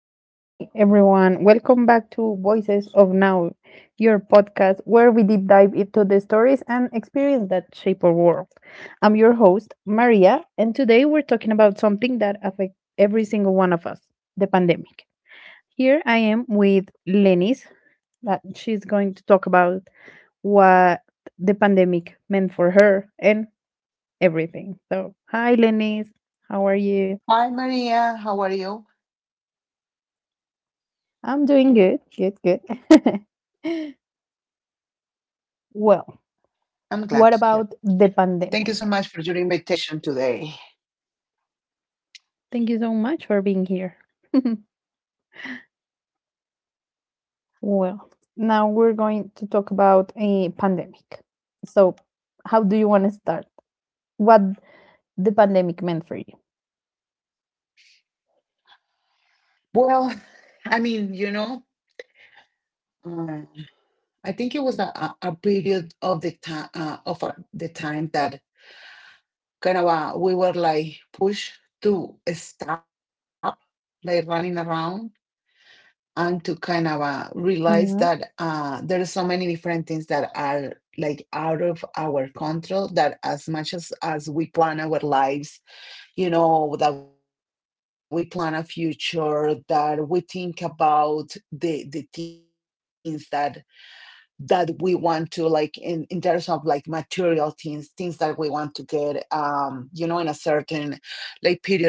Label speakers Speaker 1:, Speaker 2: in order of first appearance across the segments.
Speaker 1: Well, hi everyone. Welcome back to Voices of Now, your podcast where we deep dive into the stories and experience that shape our world. I'm your host, Maria, and today we're talking about something that affects every single one of us, the pandemic. Here I am with Lenis, that she's going to talk about what the pandemic meant for her and everything. So, hi Lenis, how are you?
Speaker 2: Hi, Maria. How are you?
Speaker 1: I'm doing good. Good, good.
Speaker 2: I'm glad to hear that.
Speaker 1: Well,
Speaker 2: Thank you
Speaker 1: what
Speaker 2: so much
Speaker 1: about
Speaker 2: for your
Speaker 1: the
Speaker 2: invitation
Speaker 1: pandemic?
Speaker 2: today.
Speaker 1: Thank you so much for being here. Well, now we're going to talk about a pandemic. So, how do you want to start? What the pandemic meant for you?
Speaker 2: Well, I mean, you know, uh, I think it was a period of the time of the time that we were like pushed to stop, like running around, and to
Speaker 1: Yeah.
Speaker 2: realize that there are so many different things that are like out of our control. That as much as we plan our lives, you know, that we plan a future, that we think about the things that we want to, like, in terms of like material things that we want to get, you know, in a certain like period of the time.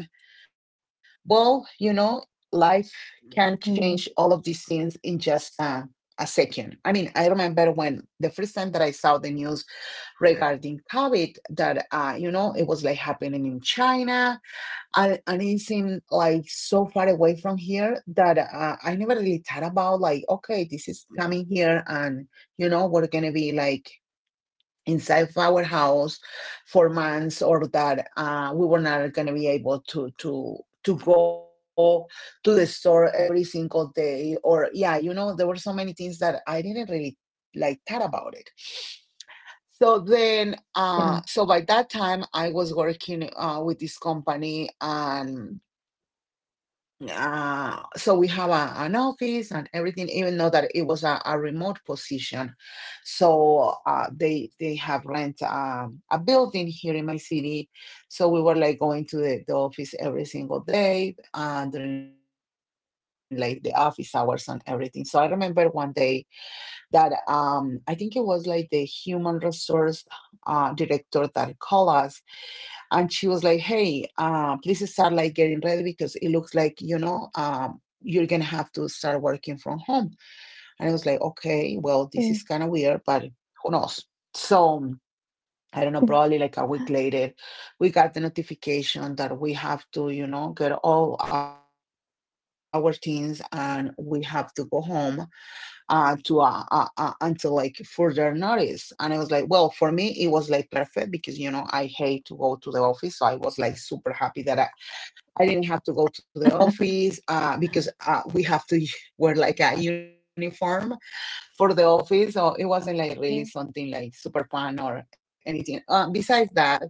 Speaker 2: Well, you know, life can change
Speaker 1: Mm,
Speaker 2: all of these things in just a second. I mean, I remember when the first time that I saw the news regarding COVID, that you know, it was like happening in China, and it seemed like so far away from here that I never really thought about, like, okay, this is coming here, and you know we're gonna be like inside our house for months, or that we were not gonna be able to to go to the store every single day. Or yeah, you know, there were so many things that I didn't really like thought about it. So then,
Speaker 1: yeah.
Speaker 2: so by that time, I was working with this company, and so we have an office and everything, even though that it was a remote position. So they have rent, a building here in my city. So we were like going to the office every single day during like the office hours and everything. So I remember one day that, I think it was like the human resource director that called us, and she was like, "Hey, please start like getting ready, because it looks like, you know, you're gonna have to start working from home." And I was like, "Okay, well, this is kind of weird, but who knows?" So I don't know,
Speaker 1: Okay.
Speaker 2: probably like a week later, we got the notification that we have to, you know, get all our things and we have to go home, to until like further notice. And I was like, well, for me, it was like perfect, because you know I hate to go to the office, so I was like super happy that I didn't have to go to the office, because we have to wear like a uniform for the office, so it wasn't like really something like super fun or anything. Besides that,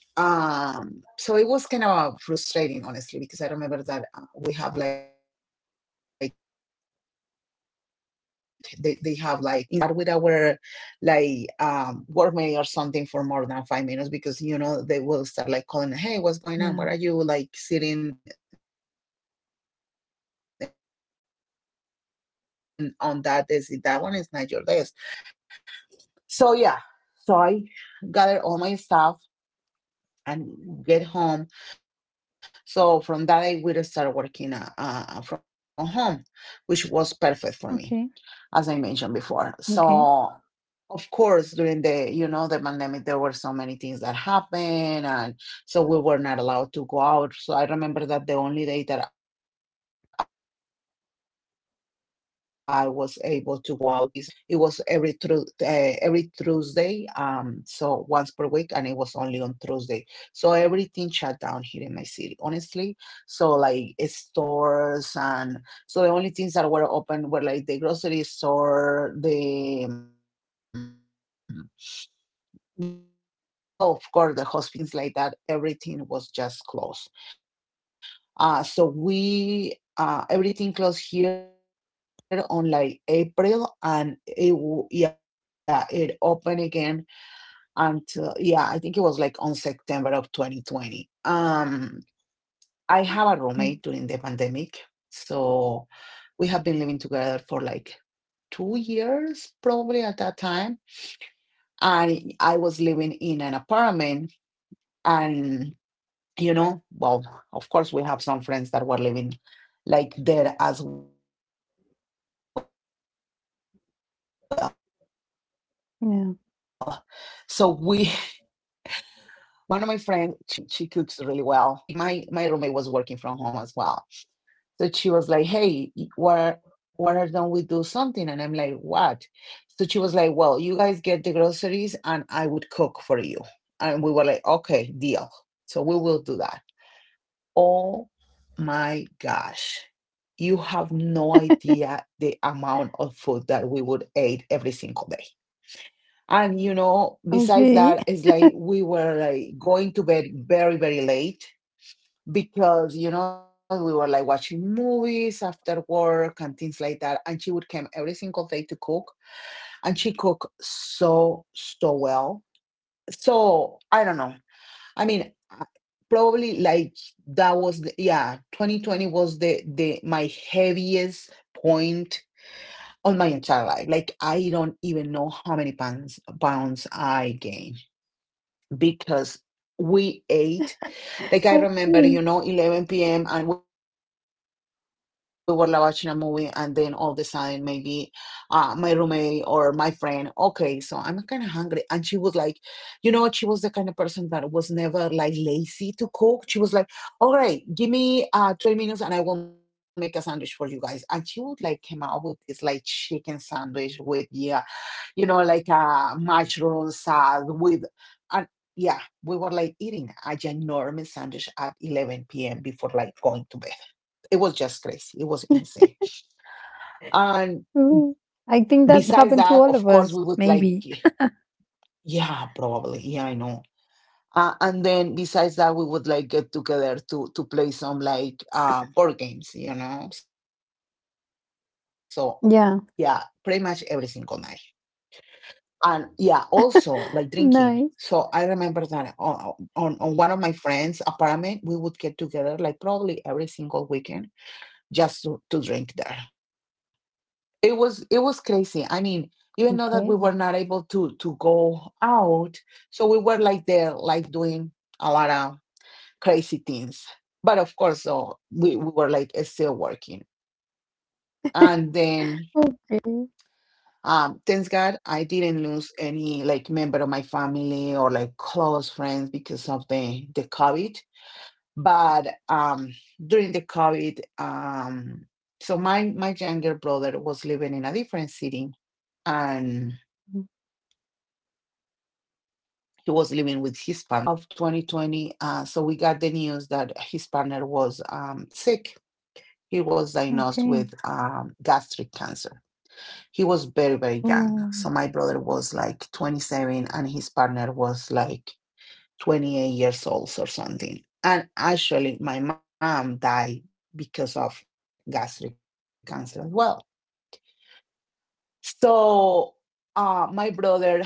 Speaker 2: so it was kind of frustrating, honestly, because I remember that we have like they have like cameras like inside the office. So we cannot even like chat with our like workmate or something for more than 5 minutes, because you know they will start like calling, hey, what's going on? What
Speaker 1: Yeah.
Speaker 2: are you like sitting and on that desk? That one is not your desk, and things like that. And I was like, okay, this is not something cool. So yeah, so I gathered all my stuff and get home. So from that day, we start working from home, which was perfect for me,
Speaker 1: Okay.
Speaker 2: as I mentioned before. So
Speaker 1: Okay.
Speaker 2: of course during the, you know, the pandemic, there were so many things that happened. And so we were not allowed to go out, so I remember that the only day that I was able to go out to get like groceries and stuff, it was every Tuesday, so once per week, and it was only on Tuesday. So everything shut down here in my city, honestly. So like stores and. So the only things that were open were like the grocery store, the, well, of course, the hospitals, and things like that. Not even like church or things like that. Everything was just closed. So we everything closed here on like April, and yeah, it opened again until, yeah, I think it was like on September of 2020. I have a roommate during the
Speaker 1: Okay.
Speaker 2: pandemic, so we have been living together for like 2 years probably at that time. And I was living in an apartment, and you know, well, of course, we have some friends that were living like there as well. So we we start. So one of
Speaker 1: Yeah.
Speaker 2: my friends, she cooks really well. So she was like, "Hey, you know, guys, because my roommate was working from home as well." So she was like, "Hey, what why don't we do something?" And I'm like, "What?" So she was like, "Well, you guys get the groceries, and I would cook for you." And we were like, "Okay, deal." So we will do that. Oh my gosh, you have no idea the amount of food that we would eat every single day. And you know, besides
Speaker 1: Okay.
Speaker 2: that, it's like we were like going to bed very, very late, because you know we were like watching movies after work and things like that, and she would come every single day to cook, and she cooked so well. So I don't know, I mean, probably like that was yeah, 2020 was the my heaviest point on my entire life. Like, I don't even know how many pounds I gained, because we ate.
Speaker 1: Okay.
Speaker 2: Like I remember, you know, 11 p.m. and we were like watching a movie, and then all of a sudden, maybe my roommate or my friend, okay, so I'm kind of hungry. And she was like, you know, she was the kind of person that was never like lazy to cook. She was like, all right, give me 20 minutes, and I will make a sandwich for you guys. And she would like came out with this like chicken sandwich with, yeah, you know, like, mushroom salad with, and yeah, we were like eating a ginormous sandwich at 11 p.m. before like going to bed. It was just crazy. It was insane. And
Speaker 1: Mhm. I think that
Speaker 2: besides
Speaker 1: happened
Speaker 2: that,
Speaker 1: to
Speaker 2: of
Speaker 1: all of
Speaker 2: course, we
Speaker 1: us.
Speaker 2: would like,
Speaker 1: Maybe.
Speaker 2: yeah, probably. Yeah, I know. And then besides that, we would like get together to play some like board games, you know. So yeah, pretty much every single night.
Speaker 1: Yeah.
Speaker 2: And yeah, also like drinking. So I remember that
Speaker 1: Nice.
Speaker 2: on one of my friends' apartment, we would get together like probably every single weekend just to drink there. It was crazy. I mean, even though that we were
Speaker 1: Okay.
Speaker 2: not able to go out, so we were like there like doing a lot of crazy things. But of course, so we were like still working. And then,
Speaker 1: Okay.
Speaker 2: thanks God I didn't lose any like member of my family or like close friends because of the COVID. But during the COVID, so my younger brother was living in a different city, and he was living with his partner. And on May of 2020, so we got the news that his partner was sick. He was diagnosed with
Speaker 1: Okay.
Speaker 2: gastric cancer. He was very, very young.
Speaker 1: Oh,
Speaker 2: So my brother was like 27 and his partner was like 28 years old or something. And actually my mom died because of gastric cancer as well.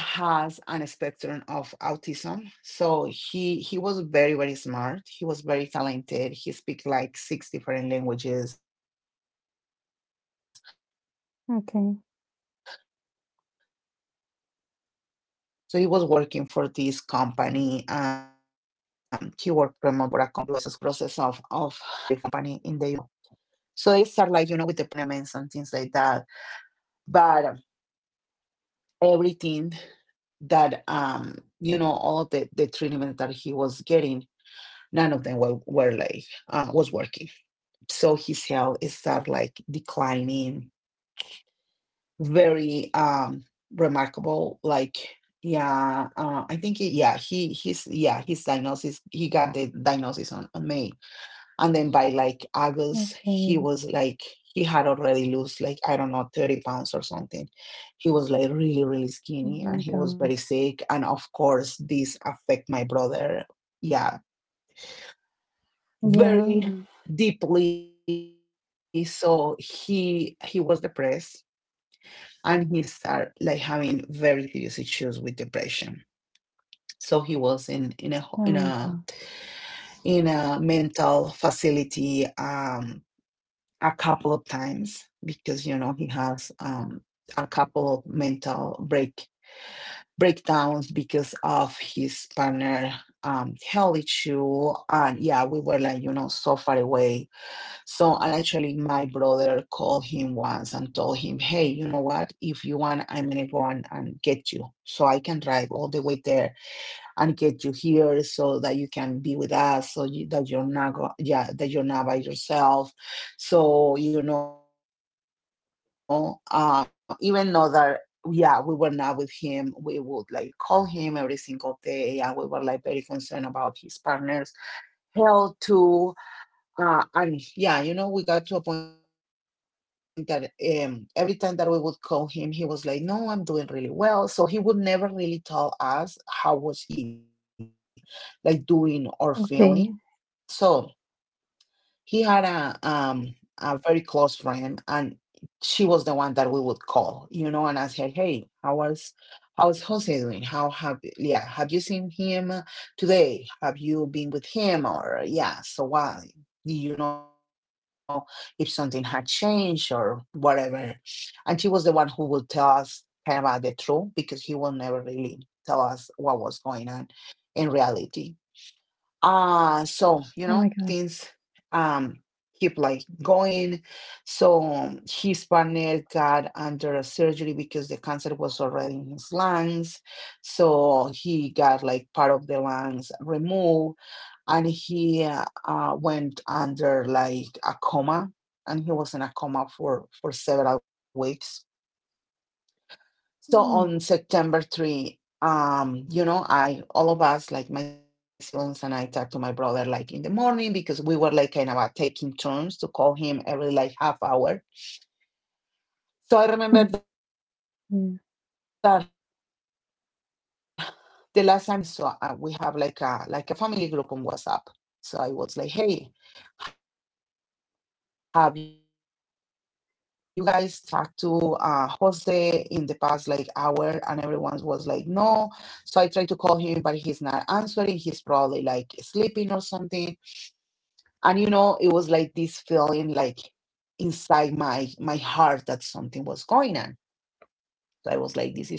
Speaker 2: So, my brother has an spectrum of autism. So he was very, very smart. He was very talented.
Speaker 1: okay.
Speaker 2: He speaks like six different languages. So he was working for this company. He worked remotely for a company in the US as well. So they start like, you know, with the process of his partner's disease, and, you know, all the treatments and things like that. But everything. That you know all the treatment that he was getting, none of them were like was working. So his health is start like declining very, remarkable, like, yeah. I think he, yeah he he's yeah his diagnosis, he got the diagnosis on May,
Speaker 1: Okay.
Speaker 2: and then by like August, he was like, he had already lost like, I don't know, 30 pounds or
Speaker 1: Oh my
Speaker 2: something.
Speaker 1: god.
Speaker 2: He was like really, really skinny and he was very sick. And of course, this affect my brother.
Speaker 1: Yeah.
Speaker 2: Yeah, very deeply. So he was depressed, and he started like having very serious issues with depression. So he was
Speaker 1: Oh my god.
Speaker 2: in a mental facility. A couple of times because you know he has a couple of mental breakdowns because of his partner health issue. And yeah, we were like, you know, so far away. So and actually my brother called him once and told him, hey, you know what, if you want, I'm gonna go and get you, so I can drive all the way there and get you here so that you can be with us, so you, that you're not go, yeah that you're not by yourself. So you know, even though that yeah, we were not with him, we would like call him every single day and we were like very concerned about his partner's health too. And yeah, you know, we got to a point that every time that we would call him, he was like, no, I'm doing really well. So he would never really tell us how was he like doing or feeling. So he had
Speaker 1: Okay.
Speaker 2: a very close friend, and she was the one that we would call, you know, and ask her, "Hey, how is Jose doing? How have have you seen him today? Have you been with him or so why?" Do you know, if something had changed or whatever. And she was the one who would tell us kind of about the truth, because he will never really tell us what was going on in reality. Uh so you know, things um
Speaker 1: Oh my god.
Speaker 2: keep like going. So his partner got under a surgery because the cancer was already in his lungs, so he got like part of the lungs removed. And he went under like a coma, and he was in a coma for several weeks. So on
Speaker 1: Mm.
Speaker 2: September 3, you know, I, all of us, like my siblings and I, talked to my brother like in the morning, because we were like kind of taking turns to call him every like half hour. So I remember that the last time that
Speaker 1: Yeah.
Speaker 2: I talked to him, it was like 9:30 a.m. So at around 11, so we have like a family group on WhatsApp. So I was like, "Hey, have you guys talked to Jose in the past like hour?" And everyone was like, "No." So I tried to call him, but he's not answering. He's probably like sleeping or something. And you know, it was like this feeling like inside my heart that something was going on. So I was like, "This is so weird."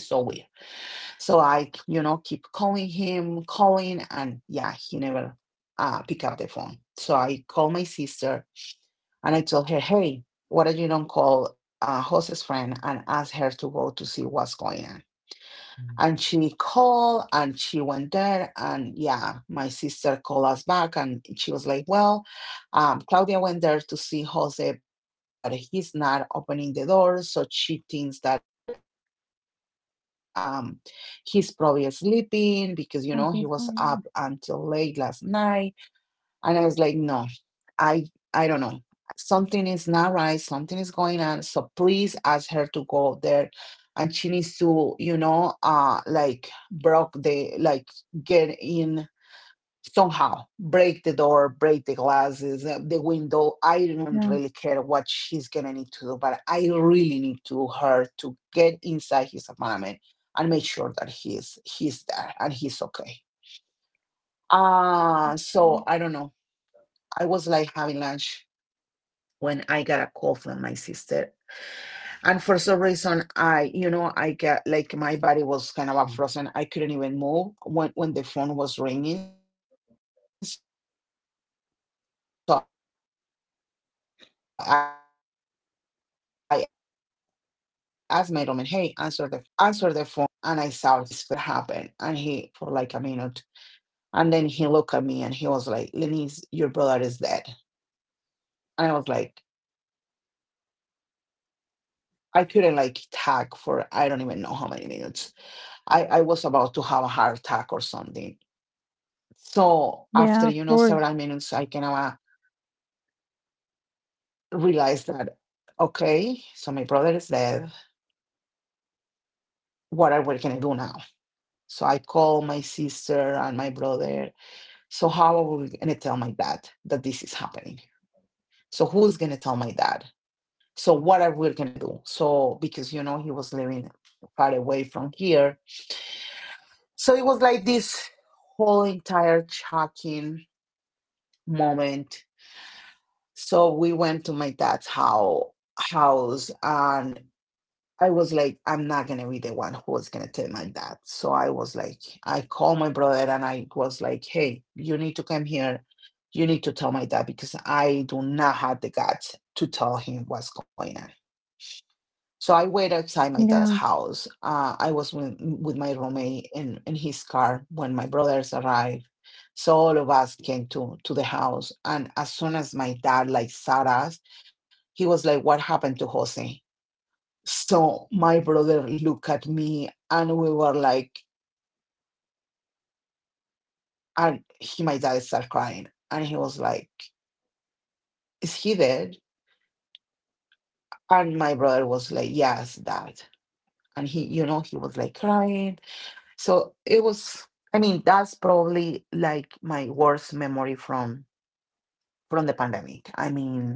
Speaker 2: So I, you know, keep calling him, calling, and yeah, he never pick up the phone. So I called my sister and I told her, hey, why don't you don't call Jose's friend and ask her to go to see what's going on? And she called and she went there. And yeah, my sister called us back and she was like, well, Claudia went there to see Jose, but he's not opening the door. So she thinks that he's probably sleeping because, you know, he was up until
Speaker 1: Something's
Speaker 2: late
Speaker 1: going
Speaker 2: last
Speaker 1: on.
Speaker 2: night. And I was like, no. I I don't know. Something is not right. Something is going on. So please ask her to go there, and she needs to, you know, like broke the like get in somehow, break the door, break the glasses, the window. I don't
Speaker 1: Yeah.
Speaker 2: really care what she's gonna need to do, but I really need to her to get inside his apartment and make sure that he's there and he's okay. So I don't know. I was like having lunch when I got a call from my sister. And for some reason, I, you know, I got like my body was kind of like frozen. I couldn't even move when, the phone was ringing. So I asked my roommate, hey, answer the phone for me. So he answered the phone and I saw his face and I was like, what happened? And he like was totally like speechless for like a minute. And then he looked at me and he was like, Lenise, your brother is dead. And I was like, I couldn't like talk for I don't even know how many minutes. I was about to have a heart attack or something.
Speaker 1: Yeah, of
Speaker 2: So
Speaker 1: course.
Speaker 2: after, you know, several minutes, I kind of realized that, okay, so my brother is dead. What are we going to do now? So I call my sister and my brother. So how are we going to tell my dad that this is happening? So who's going to tell my dad? So what are we going to do? So because, you know, he was living far away from here. So it was like this whole entire shocking moment. So we went to my house, and I was like, I'm not gonna be the one who was gonna tell my dad. So I was like, I called my brother and I was like, hey, you need to come here. You need to tell my dad because I do not have the guts to tell him what's going on. So I wait outside my dad's
Speaker 1: Yeah.
Speaker 2: house. I was with my roommate in his car when my brothers arrived. So all of us came to the house. And as soon as my dad like saw us, he was like, what happened to Jose? So my brother looked at me and we were like, and he, my dad started crying. And he was like, is he dead? And my brother was like, yes, dad. And he, you know, he was like crying. So it was, I mean, that's probably like my worst memory from the pandemic. I mean,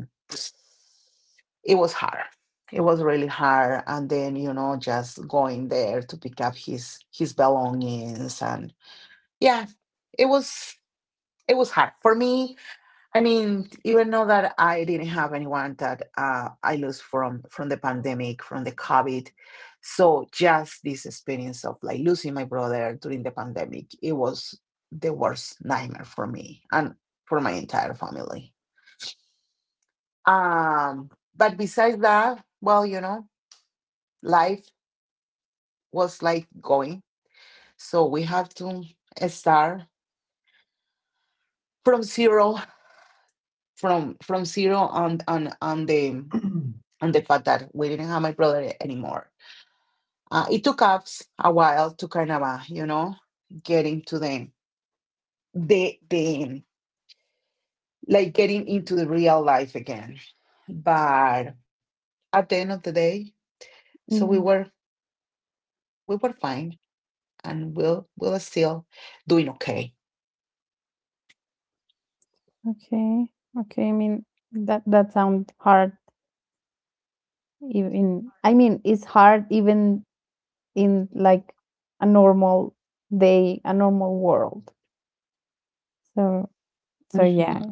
Speaker 2: it was hard. It was really hard. And then, you know, just going there to pick up his belongings, and yeah, it was it was hard for me. I mean, even though that I didn't have anyone that I lost from the pandemic, from the COVID, so just this experience of like losing my brother during the pandemic, it was the worst nightmare for me and for my entire family. Um, but besides that, well, you know, life was like going, so we have to start from zero, from zero on the and the fact that we didn't have my brother anymore. It took us a while to kind of, you know, getting to the, the, like getting into the real life again. But at the end of the day, so
Speaker 1: Mm,
Speaker 2: we were fine and we'll still doing okay.
Speaker 1: okay. Okay. I mean that sounds hard even, I mean it's hard even in like a normal day, a normal world. So so yeah.
Speaker 2: Hmm.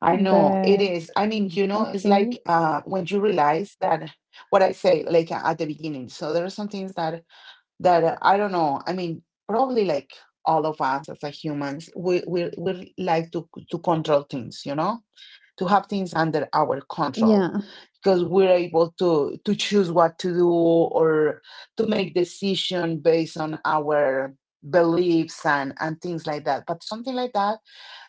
Speaker 2: I know it
Speaker 1: But
Speaker 2: is. I mean, you know, it's
Speaker 1: okay.
Speaker 2: like when you realize that what I say, like at the beginning. So there are some things that I don't know. I mean, probably like all of us as a humans, we like to control things, you know, to have things under our control
Speaker 1: Yeah.
Speaker 2: because we're able to choose what to do or to make decision based on our beliefs and things like that. But something like that,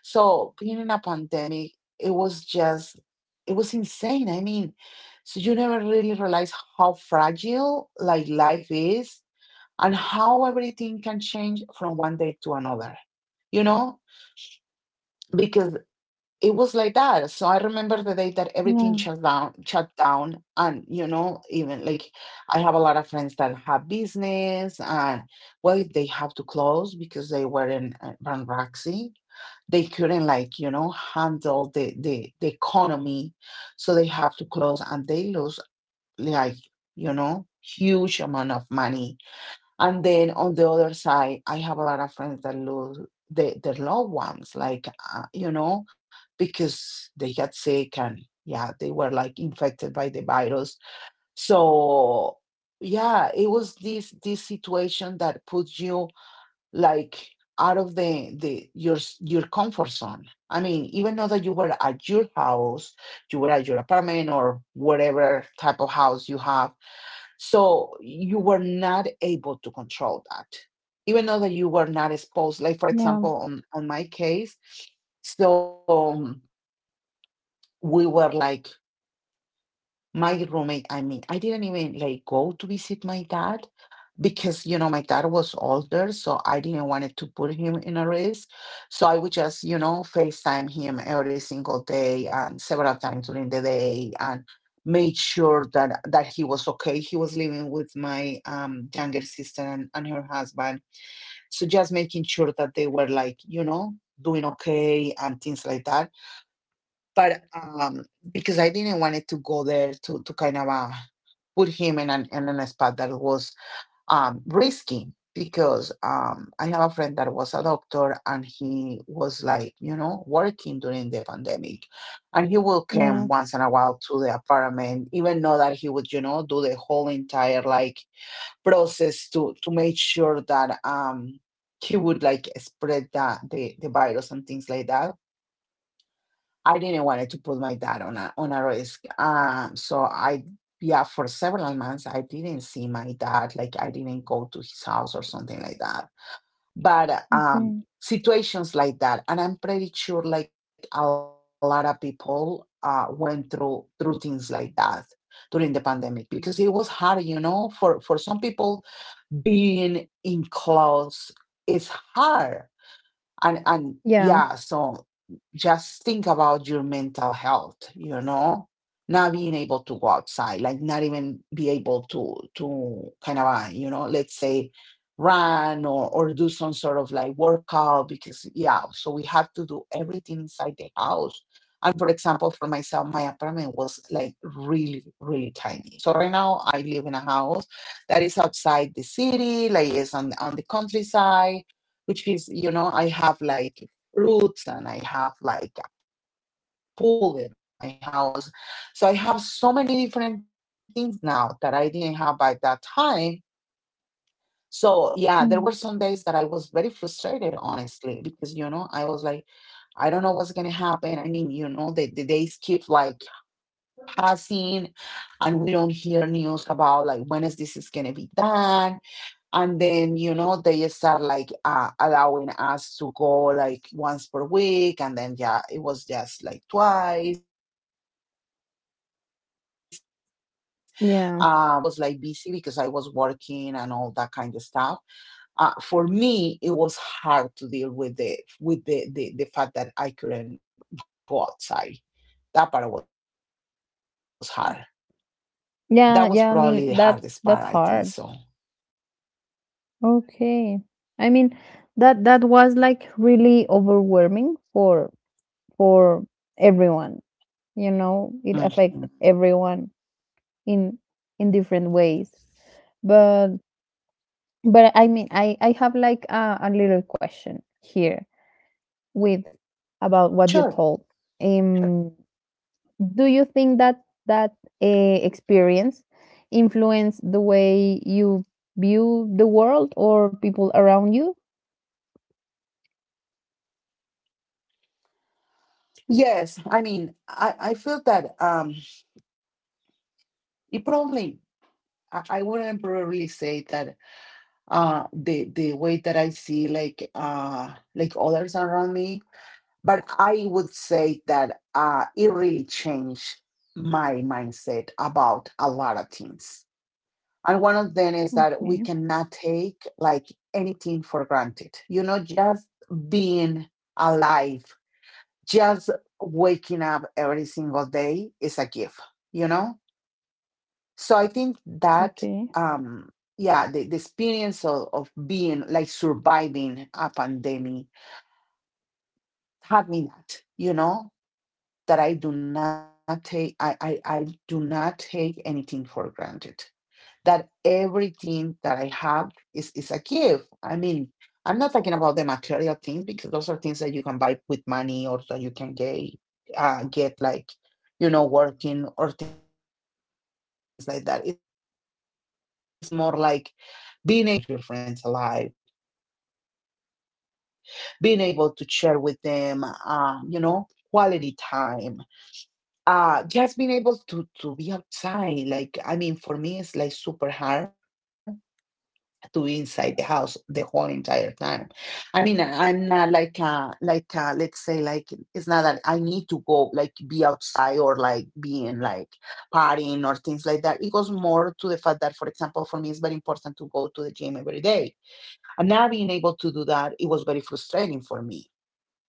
Speaker 2: so being in a pandemic, it was just it was insane. I mean, so you never really realize how fragile like life is and how everything can change from one day to another, you know? Because it was like that. So I remember the
Speaker 1: Yeah.
Speaker 2: day that everything shut down, and you know, even like I have a lot of friends that have business, and well, they have to close because they were in bankruptcy. They couldn't like you know handle the the economy, so they have to close and they lose like, you know, huge amount of money. And then on the other side, I have a lot of friends that lose their loved ones, like, you know, because they got sick and yeah, they were like infected by the virus. So yeah, it was this situation that puts you like out of the your comfort zone. I mean, even though that you were at your house, you were at your apartment or whatever type of house you have, so you were not able to control that, even though that you were not exposed. Like for
Speaker 1: Yeah.
Speaker 2: example, on my case, so we were like my roommate and me. I didn't even like go to visit my dad because you know my dad was older, so I didn't want to put him in a risk. So I would just FaceTime him every single day and several times during the day, and made sure that he was okay. He was living with my younger sister and her husband. So just making sure that they were like doing okay and things like that. But because I didn't want it to go there to kind of put him in an spot that was risky, because I have a friend that was a doctor, and he was like, working during the pandemic. And he will come once
Speaker 1: Yeah.
Speaker 2: in a while to the apartment, even though that he would, do the whole entire like process to make sure that he would like spread that the virus and things like that. I didn't want to put my dad on a risk. So for several months I didn't see my dad. Like I didn't go to his house or something like that. But
Speaker 1: Okay.
Speaker 2: situations like that. And I'm pretty sure like a lot of people went through things like that during the pandemic, because it was hard, for some people being in clothes is hard. And
Speaker 1: Yeah.
Speaker 2: yeah, so just think about your mental health, not being able to go outside, like not even be able to kind of let's say run or do some sort of like workout. Because so we have to do everything inside the house. And for example, for myself, my apartment was like really, really tiny. So right now I live in a house that is outside the city, like it's on the countryside, which is, you know, I have like roots and I have like a pool in my house. So I have so many different things now that I didn't have by that time. So yeah, there were some days that I was very
Speaker 1: Mm.
Speaker 2: frustrated, honestly, because I was like, I don't know what's gonna happen. I mean, you know, the days keep like passing, and we don't hear news about like when is this is gonna be done. And then they start like allowing us to go like once per week, and then it was just like twice per week and things like that. But it was very hard, like even though
Speaker 1: Yeah.
Speaker 2: that I was like busy because I was working and all that kind of stuff. For me it was hard to deal with the fact that I couldn't go outside. That part was hard. That was probably the hardest part, I think
Speaker 1: Yeah,
Speaker 2: so.
Speaker 1: yeah, I mean that's hard. Okay. I mean that that was like really overwhelming for
Speaker 2: Mhm.
Speaker 1: everyone, you know, it affect everyone in in different ways. But But I mean, I have like a little question here with
Speaker 2: Sure.
Speaker 1: about what you told. Um, do you think that that experience influenced the way you view the world or people around you?
Speaker 2: Yes, I mean, I feel that it probably I wouldn't probably say that the way that I see like others around me, but I would say that it really changed my mindset about a lot of things. And one of them is that we
Speaker 1: Okay,
Speaker 2: cannot take like anything for granted. Just being alive, just waking up every single day is a gift, you know? So I think that,
Speaker 1: okay,
Speaker 2: um, yeah, the experience of being like surviving a pandemic taught me that, that I do not take, I do not take anything for granted, that everything that I have is a gift. I mean, I'm not talking about the material things, because those are things that you can buy with money, or that you can get like, working or things like that. It's more like being able to share time with your family, with your friends, having your family and your friends alive, being able to share with them, quality time. Just being able to be outside. Like, I mean, for me, it's like super hard to be inside the house the whole entire time. I mean, I'm not like like let's say, like, it's not that I need to go like be outside or like being like partying or things like that. It goes more to the fact that, for example, for me, it's very important to go to the gym every day. And not being able to do that, it was very frustrating for me.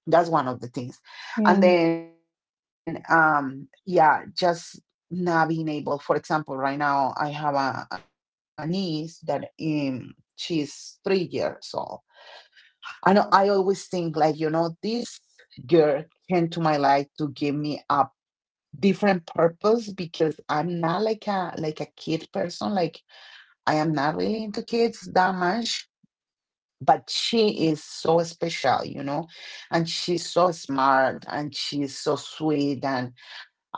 Speaker 2: That's one of the things. And
Speaker 1: yeah,
Speaker 2: then, just not being able, for example, right now I have a niece that she's 3 years old. I know I always think like, this girl came to my life to give me a different purpose, because I'm not like a kid person. Like, I am not really into kids that much, but she is so special, and she's so smart and she's so sweet. And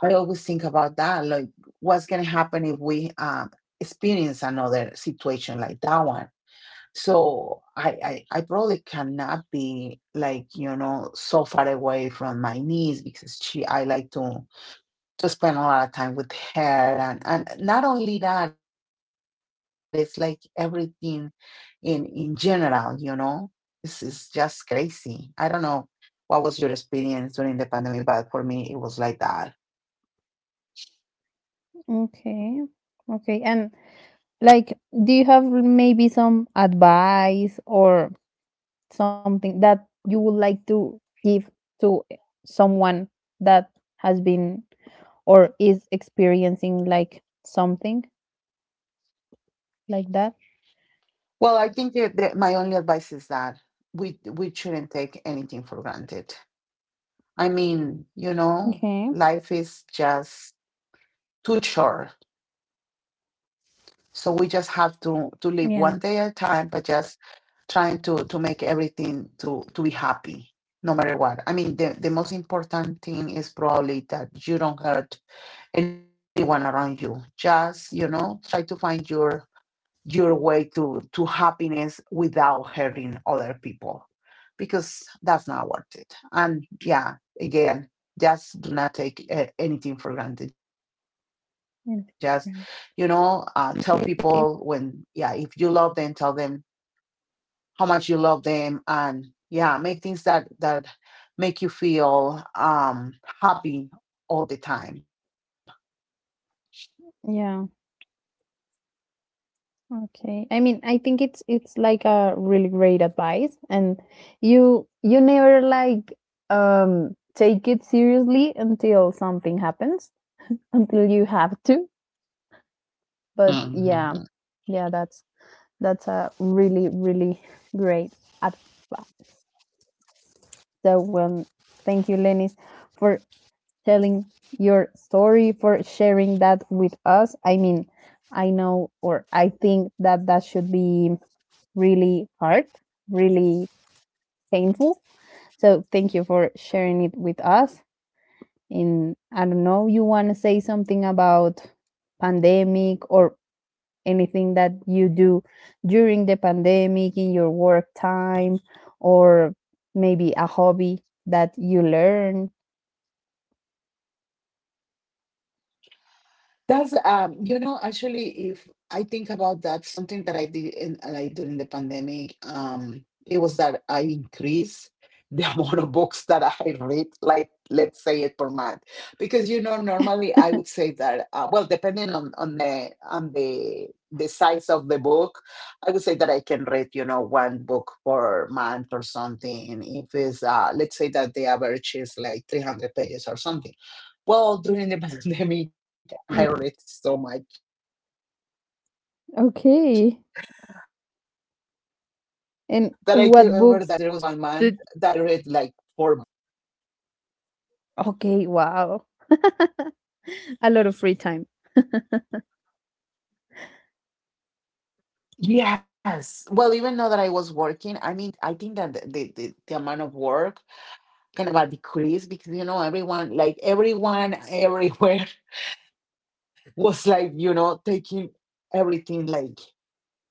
Speaker 2: I always think about that like, what's going to happen if we experience another situation like that one? So I probably cannot be like, so far away from my niece, because I like to spend a lot of time with her. And not only that, it's like everything in general. This is just crazy. I don't know what was your experience during the pandemic, but for me it was like that.
Speaker 1: okay, okay, and like, do you have maybe some advice or something that you would like to give to someone that has been or is experiencing like something like that?
Speaker 2: Well, I think that my only advice is that we shouldn't take anything for granted. I mean,
Speaker 1: Okay.
Speaker 2: life is just too short. So we just have to
Speaker 1: Yeah.
Speaker 2: live one day at a time, but just trying to make everything to be happy, no matter what. I mean, the most important thing is probably that you don't hurt anyone around you. Just, try to find your way to happiness without hurting other people, because that's not worth it. And yeah, again, just do not take anything for granted. Just,
Speaker 1: Yeah.
Speaker 2: tell people when, if you love
Speaker 1: Okay.
Speaker 2: them, tell them how much you love them. And yeah, make things that make you feel happy all the time.
Speaker 1: Yeah. Okay. I mean, I think it's like a really great advice and you never like take it seriously until something happens, until you have to. But yeah, yeah, that's a really really great advice. So well, thank you, Lenis, for telling your story, for sharing that with us. I mean, I know or I think that that should be really hard, really painful. So thank you for sharing it with us. And I don't know, you want to say something about pandemic or anything that you do during the pandemic in your work time or maybe a hobby that you learn,
Speaker 2: That's actually, if I think about that, something that I did in like during the pandemic, it was that I increased the amount of books that I read, like, let's say it per month. Because normally I would say that, well, depending on the size of the book, I would say that I can read, one book per month or something. If it's let's say that the average is like 300 pages or something. Well, during the pandemic, I read so much that I could, like, I remember that
Speaker 1: okay,
Speaker 2: there was one month that I read like four
Speaker 1: and
Speaker 2: books.
Speaker 1: what books did, okay, wow, a lot of free time,
Speaker 2: Yes. Well, even though that I was working, I mean, I think that the amount of work kind of a decrease, because, everyone, like, everyone everywhere was like, taking everything like very, very slow.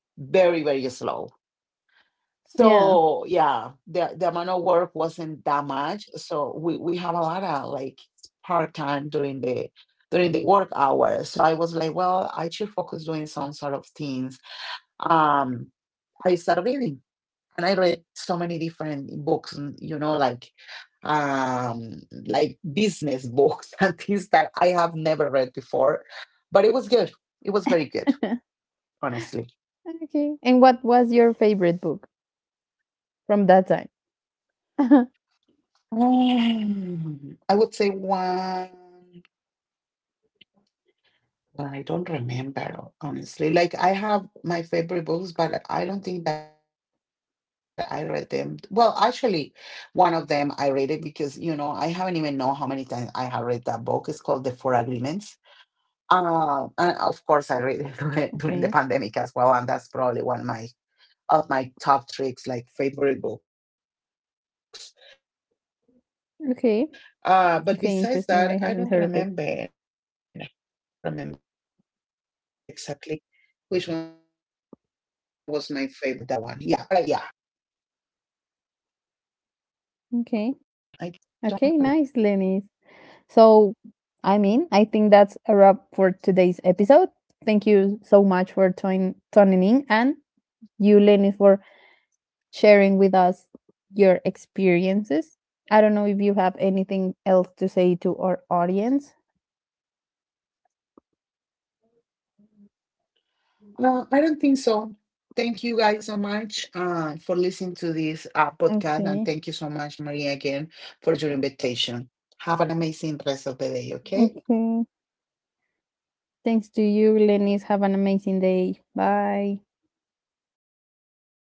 Speaker 2: So yeah, the amount of work
Speaker 1: yeah,
Speaker 2: wasn't that much. So we have a lot of like part time during the work hours. So I was like, well, I should focus doing some sort of things. Um, I started reading, and I read so many different books, and, um like business books and things that I have never read before. But it was good. It was very good, honestly.
Speaker 1: okay, and what was your favorite book from that time?
Speaker 2: I would say one. I don't remember, honestly. Like, I have my favorite books, but I don't think that I read them. Well, actually, one of them I read it because, I haven't even know how many times I have read that book. It's called The Four Agreements.
Speaker 1: Okay.
Speaker 2: And of course, I read it during the pandemic as well, and that's probably one of my top tricks, like favorite
Speaker 1: Okay.
Speaker 2: books.
Speaker 1: Okay,
Speaker 2: But
Speaker 1: interesting, I
Speaker 2: besides
Speaker 1: haven't
Speaker 2: that,
Speaker 1: heard of
Speaker 2: I
Speaker 1: it.
Speaker 2: don't remember. I don't remember exactly which one was my favorite time by that one. Yeah, but I read a lot.
Speaker 1: Okay. Okay, nice Lenny. So I mean, I think that's a wrap for today's episode. Thank you so much for tuning in, and you, Lenny, for sharing with us your experiences. I don't know if you have anything else to say to our audience.
Speaker 2: I don't think so. Thank you guys so much for
Speaker 1: Okay.
Speaker 2: listening to this podcast, and thank you so much, Maria, again for your invitation. Have an
Speaker 1: Okay.
Speaker 2: amazing rest of the day. Okay,
Speaker 1: Thanks to you, Lenny. Have an amazing day. Bye.